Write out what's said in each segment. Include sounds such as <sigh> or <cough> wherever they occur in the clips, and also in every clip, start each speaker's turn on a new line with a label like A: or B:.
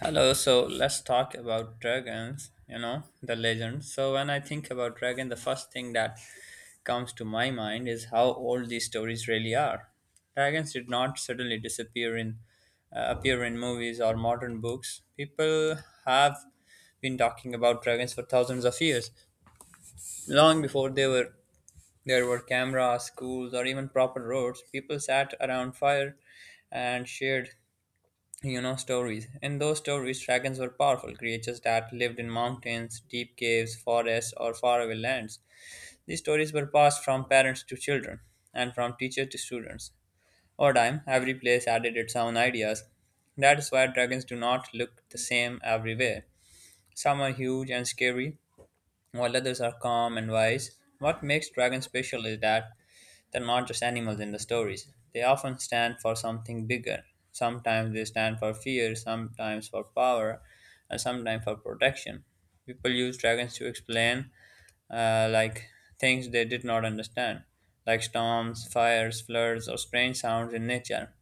A: Hello, so let's talk about dragons, the legend. So when I think about dragon, the first thing that comes to my mind is how old these stories really are. Dragons did not suddenly disappear in appear in movies or modern books. People have been talking about dragons for thousands of years, long before they were there were cameras, schools, or even proper roads. People sat around fire and shared stories. In those stories, dragons were powerful creatures that lived in mountains, deep caves, forests, or faraway lands. These stories were passed from parents to children and from teacher to students. Over time, every place added its own ideas. That is why dragons do not look the same everywhere. Some are huge and scary, while others are calm and wise. What makes dragons special is that they're not just animals in the stories. They often stand for something bigger. Sometimes they stand for fear, sometimes for power, and sometimes for protection. People use dragons to explain like things they did not understand, like storms, fires, floods, or strange sounds in nature.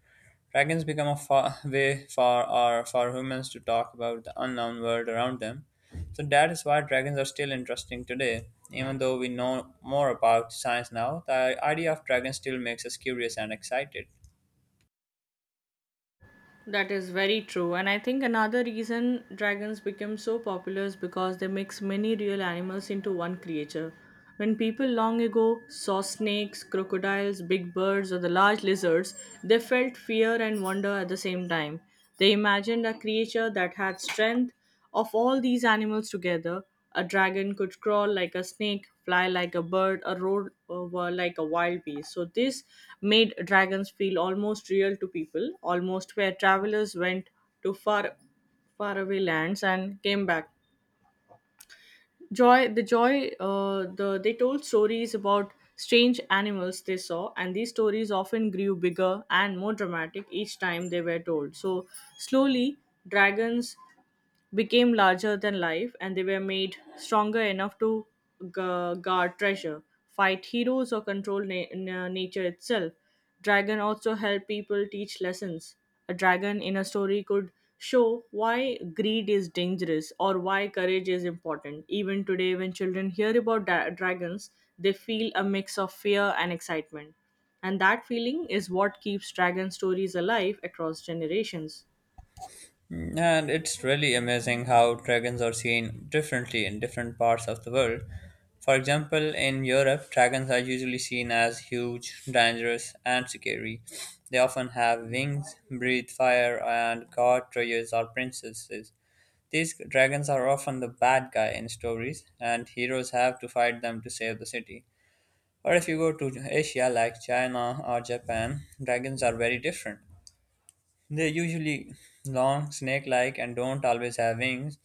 A: Dragons become a fa way for humans to talk about the unknown world around them. So that is why dragons are still interesting today. Even though we know more about science now, the idea of dragons still makes us curious and excited.
B: That is very true, and I think another reason dragons became so popular is because they mix many real animals into one creature. When people long ago saw snakes, crocodiles, big birds, or the large lizards, they felt fear and wonder at the same time. They imagined a creature that had strength, of all these animals together, a dragon could crawl like a snake, fly like a bird, or roar over like a wild beast. So, this made dragons feel almost real to people, almost where travelers went to far, faraway lands and came back. Joy, the they told stories about strange animals they saw, and these stories often grew bigger and more dramatic each time they were told. So, slowly, dragons became larger than life and they were made stronger enough to guard treasure, fight heroes, or control nature itself. Dragon also help people teach lessons. A dragon in a story could show why greed is dangerous or why courage is important. Even today, when children hear about dragons, they feel a mix of fear and excitement. And that feeling is what keeps dragon stories alive across generations.
A: Mm, and it's really amazing how dragons are seen differently in different parts of the world. For example, in Europe, dragons are usually seen as huge, dangerous, and scary. They often have wings, breathe fire, and guard warriors or princesses. These dragons are often the bad guy in stories, and heroes have to fight them to save the city. Or if you go to Asia, like China or Japan, dragons are very different. They're usually long, snake-like, and don't always have wings.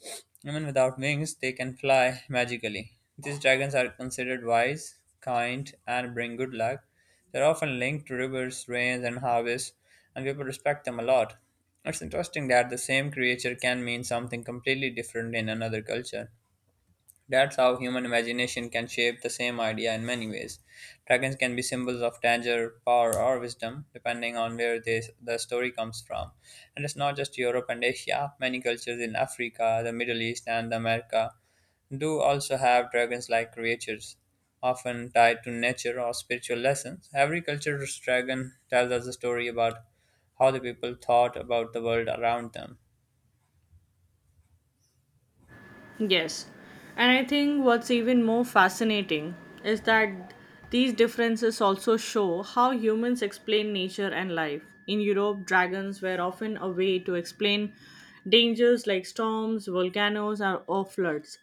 A: Even without wings, they can fly magically. These dragons are considered wise, kind, and bring good luck. They're often linked to rivers, rains, and harvests, and people respect them a lot. It's interesting that the same creature can mean something completely different in another culture. That's how human imagination can shape the same idea in many ways. Dragons can be symbols of danger, power, or wisdom, depending on where the story comes from. And it's not just Europe and Asia, many cultures in Africa, the Middle East, and America do also have dragons like creatures, often tied to nature or spiritual lessons. Every culture's dragon tells us a story about how the people thought about the world around them.
B: Yes. And I think what's even more fascinating is that these differences also show how humans explain nature and life. In Europe, dragons were often a way to explain dangers like storms, volcanoes, or floods.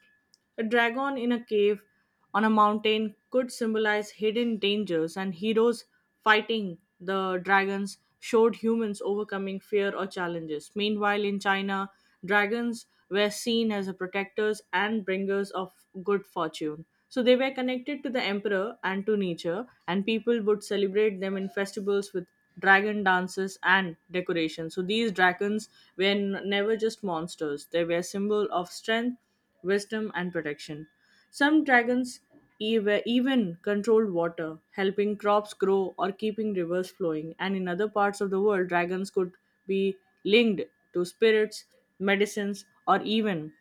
B: A dragon in a cave on a mountain could symbolize hidden dangers, and heroes fighting the dragons showed humans overcoming fear or challenges. Meanwhile, in China, dragons were seen as a protectors and bringers of good fortune. So they were connected to the emperor and to nature, and people would celebrate them in festivals with dragon dances and decorations. So these dragons were never just monsters; they were a symbol of strength wisdom, and protection. Some dragons even controlled water, helping crops grow or keeping rivers flowing. And in other parts of the world, dragons could be linked to spirits, medicines, or even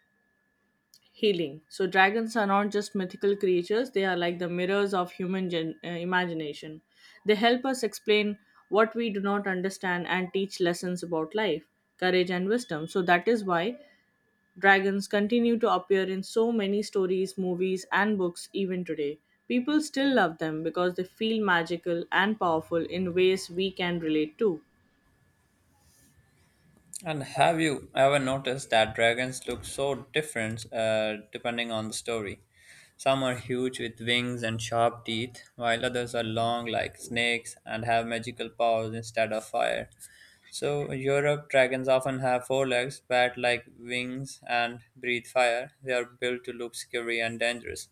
B: healing. So, dragons are not just mythical creatures, they are like the mirrors of human imagination. They help us explain what we do not understand and teach lessons about life, courage, and wisdom. So, that is why dragons continue to appear in so many stories, movies, and books even today. People still love them because they feel magical and powerful in ways we can relate to.
A: And have you ever noticed that dragons look so different depending on the story? Some are huge with wings and sharp teeth, while others are long like snakes and have magical powers instead of fire. So, Europe dragons often have four legs, bat like wings, and breathe fire. They are built to look scary and dangerous,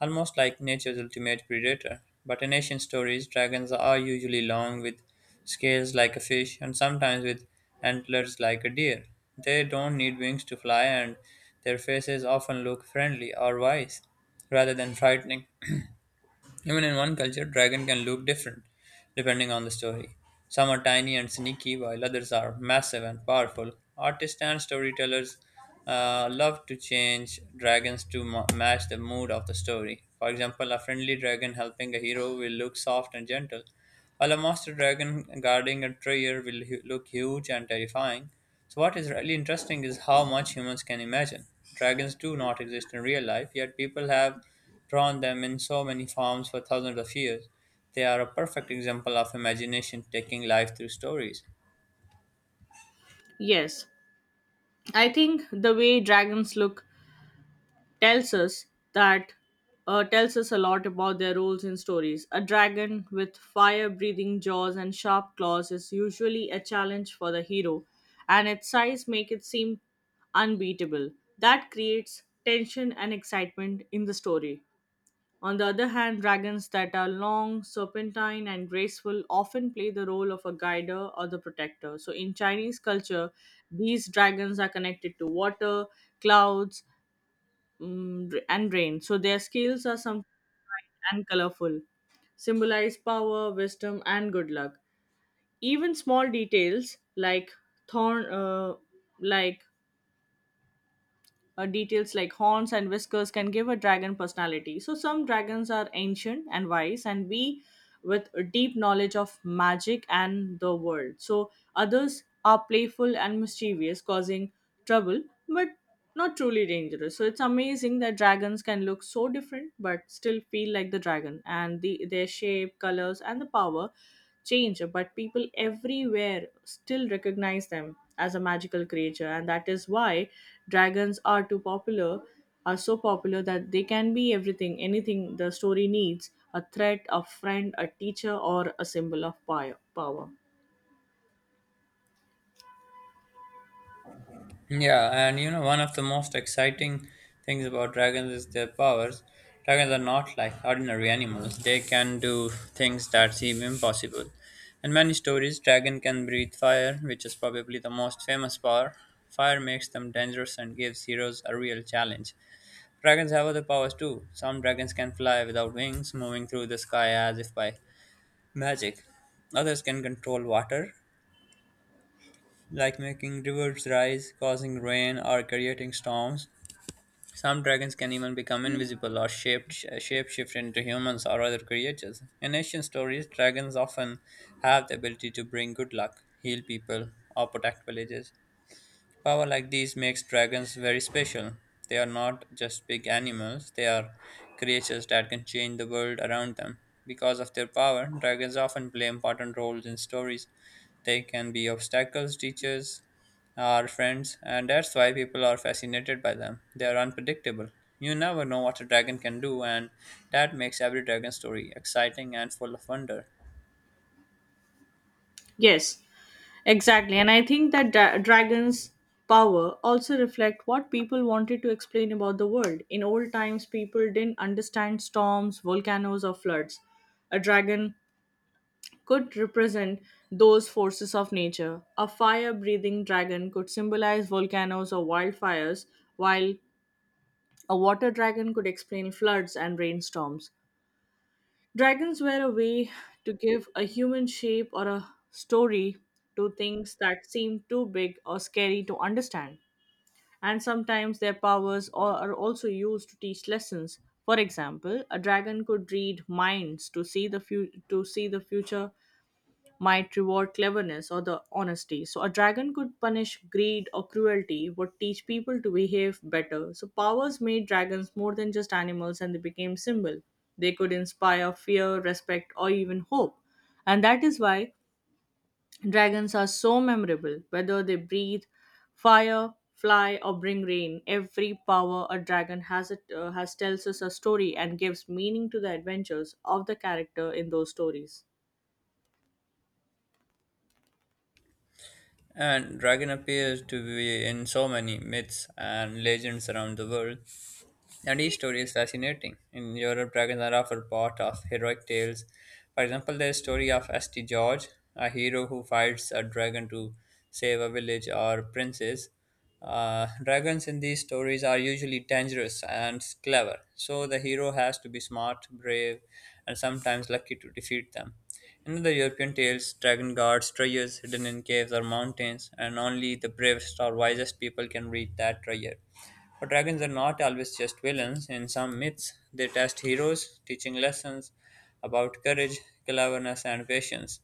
A: almost like nature's ultimate predator. But in ancient stories, dragons are usually long with scales like a fish and sometimes with antlers like a deer. They don't need wings to fly, and their faces often look friendly or wise rather than frightening. <clears throat> Even in one culture, dragon can look different depending on the story. Some are tiny and sneaky, while others are massive and powerful. Artists and storytellers love to change dragons to match the mood of the story. For example, a friendly dragon helping a hero will look soft and gentle, while a master dragon guarding a treasure will look huge and terrifying. So, what is really interesting is how much humans can imagine. Dragons do not exist in real life, yet people have drawn them in so many forms for thousands of years. They are a perfect example of imagination taking life through stories.
B: Yes, I think the way dragons look tells us that tells us a lot about their roles in stories. A dragon with fire-breathing jaws and sharp claws is usually a challenge for the hero, and its size make it seem unbeatable. That creates tension and excitement in the story. On the other hand, dragons that are long, serpentine, and graceful often play the role of a guider or the protector. So, in Chinese culture, these dragons are connected to water, clouds, and rain. So their scales are sometimes bright and colorful, symbolize power, wisdom, and good luck. Even small details like thorn, uh, like details like horns and whiskers can give a dragon personality. So, some dragons are ancient and wise, and we with a deep knowledge of magic and the world. So, others are playful and mischievous, causing trouble, but not truly dangerous. So, it's amazing that dragons can look so different but still feel like the dragon, and their shape, colors, and the power change, but people everywhere still recognize them as a magical creature, and that is why dragons are too popular, are so popular that they can be everything, anything the story needs a threat, a friend, a teacher, or a symbol of power.
A: Yeah, and one of the most exciting things about dragons is their powers. Dragons are not like ordinary animals, they can do things that seem impossible. In many stories, dragon can breathe fire, which is probably the most famous power. Fire makes them dangerous and gives heroes a real challenge. Dragons have other powers too. Some dragons can fly without wings, moving through the sky as if by magic. Others can control water, like making rivers rise, causing rain, or creating storms. Some dragons can even become invisible or shapeshift into humans or other creatures. In ancient stories, dragons often have the ability to bring good luck, heal people, or protect villages. Power like these makes dragons very special. They are not just big animals, they are creatures that can change the world around them. Because of their power, dragons often play important roles in stories. They can be obstacles, teachers, our friends, and that's why people are fascinated by them. They are unpredictable. You never know what a dragon can do, and that makes every dragon story exciting and full of wonder.
B: Yes, exactly. And I think that dragons power also reflect what people wanted to explain about the world. In old times, people didn't understand storms, volcanoes, or floods. A dragon could represent those forces of nature. A fire breathing dragon could symbolize volcanoes or wildfires, while a water dragon could explain floods and rainstorms. Dragons were a way to give a human shape or a story to things that seem too big or scary to understand. And sometimes their powers are also used to teach lessons. For example, a dragon could read minds to see the to see the future might reward cleverness or the honesty. So a dragon could punish greed or cruelty, would teach people to behave better. So powers made dragons more than just animals and they became symbol. They could inspire fear, respect, or even hope. And that is why dragons are so memorable, whether they breathe fire, fly, or bring rain. Every power a dragon has, has tells us a story and gives meaning to the adventures of the character in those stories.
A: And dragon appears to be in so many myths and legends around the world. And each story is fascinating. In Europe, dragons are often part of heroic tales. For example, there is story of St. George, a hero who fights a dragon to save a village or princess. Dragons in these stories are usually dangerous and clever, so the hero has to be smart, brave, and sometimes lucky to defeat them. In other European tales, dragon guards treasures hidden in caves or mountains, and only the bravest or wisest people can reach that treasure. But dragons are not always just villains. In some myths, they test heroes, teaching lessons about courage, cleverness, and patience.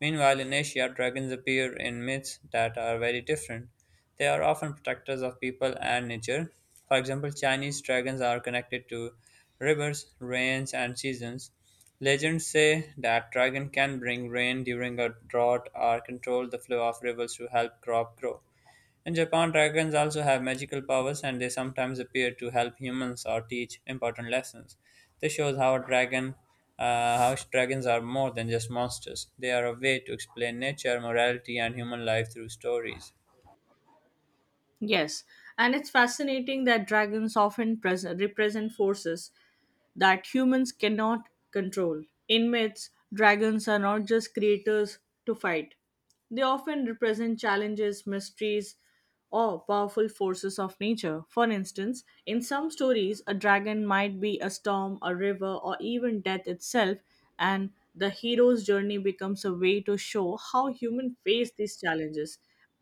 A: Meanwhile, in Asia, dragons appear in myths that are very different. They are often protectors of people and nature. For example, Chinese dragons are connected to rivers, rains, and seasons. Legends say that dragon can bring rain during a drought or control the flow of rivers to help crop grow. In Japan, dragons also have magical powers and they sometimes appear to help humans or teach important lessons. This shows how dragons are more than just monsters. They are a way to explain nature, morality, and human life through stories.
B: Yes, and it's fascinating that dragons often pres represent forces that humans cannot control. In myths, dragons are not just creators to fight, they often represent challenges, mysteries, or powerful forces of nature. For instance, in some stories, a dragon might be a storm, a river, or even death itself, and the hero's journey becomes a way to show how humans face these challenges.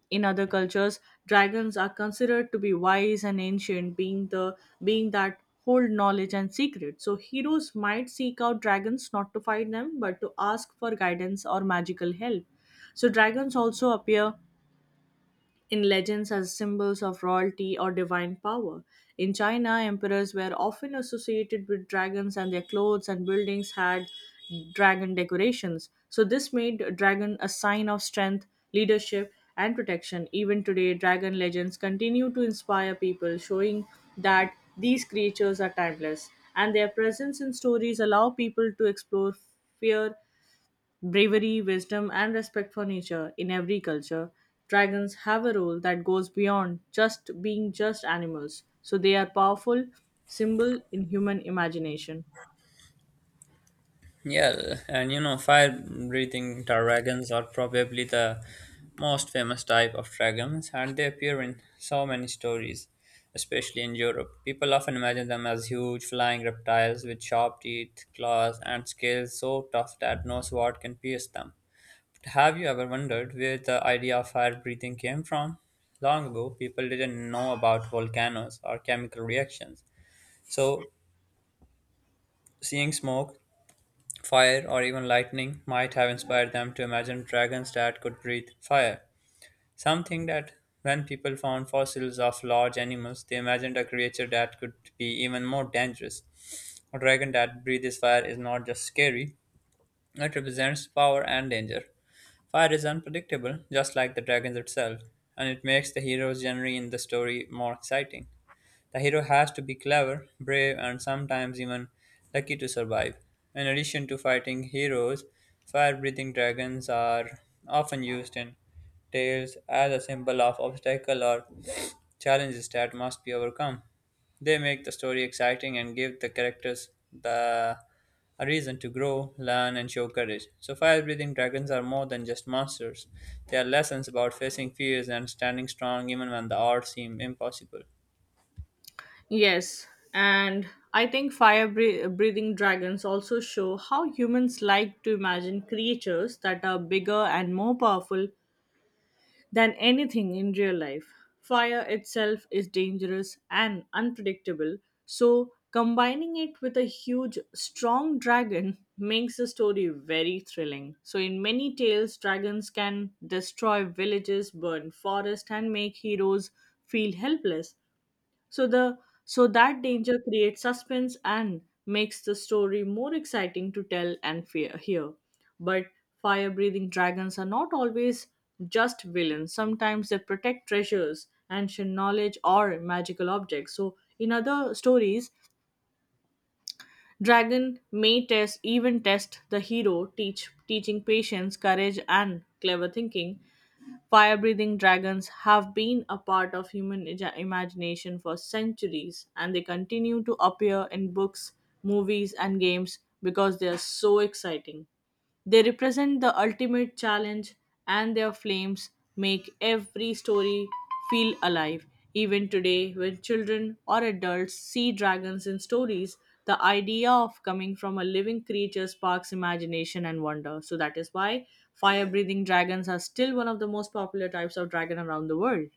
B: In other cultures, dragons are considered to be wise and ancient, being that hold knowledge and secret. So heroes might seek out dragons not to fight them, but to ask for guidance or magical help. So, dragons also appear in legends as symbols of royalty or divine power. In China, emperors were often associated with dragons, and their clothes and buildings had dragon decorations. So, this made a dragon a sign of strength, leadership, and protection. Even today, dragon legends continue to inspire people, showing that these creatures are timeless, and their presence in stories allow people to explore fear, bravery, wisdom, and respect for nature in every culture, dragons have a role that goes beyond just being just animals. So they are powerful symbol in human imagination.
A: Yeah, and fire breathing dragons are probably the most famous type of dragons, and they appear in so many stories, especially in Europe. People often imagine them as huge flying reptiles with sharp teeth, claws, and scales so tough that no sword can pierce them. But have you ever wondered where the idea of fire breathing came from? Long ago, people didn't know about volcanoes or chemical reactions, so seeing smoke, fire or even lightning might have inspired them to imagine dragons that could breathe fire. Some think that when people found fossils of large animals, they imagined a creature that could be even more dangerous. A dragon that breathes fire is not just scary, it represents power and danger. Fire is unpredictable, just like the dragons itself, and it makes the hero's journey in the story more exciting. The hero has to be clever, brave, and sometimes even lucky to survive. In addition to fighting heroes, fire breathing dragons are often used in tales as a symbol of obstacle or challenges that must be overcome. They make the story exciting and give the characters the a reason to grow, learn, and show courage. So, fire breathing dragons are more than just monsters. They are lessons about facing fears and standing strong even when the odds seem impossible.
B: Yes, and I think fire breathing dragons also show how humans like to imagine creatures that are bigger and more powerful than anything in real life. Fire itself is dangerous and unpredictable, so combining it with a huge, strong dragon <laughs> makes the story very thrilling. So, in many tales, dragons can destroy villages, burn forests, and make heroes feel helpless. So the so that danger creates suspense and makes the story more exciting to tell and fear hear. But fire-breathing dragons are not always just villains. Sometimes they protect treasures, ancient knowledge, or magical objects. So in other stories, dragon may test even test the hero, teaching patience, courage, and clever thinking. Fire breathing dragons have been a part of human imagination for centuries and they continue to appear in books, movies, and games because they are so exciting. They represent the ultimate challenge, and their flames make every story feel alive. Even today, when children or adults see dragons in stories, the idea of coming from a living creature sparks imagination and wonder. So, that is why fire breathing dragons are still one of the most popular types of dragon around the world.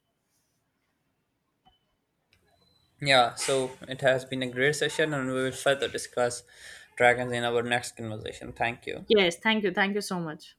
A: Yeah, so it has been a great session, and we will further discuss dragons in our next conversation. Thank you.
B: Yes, thank you. Thank you so much.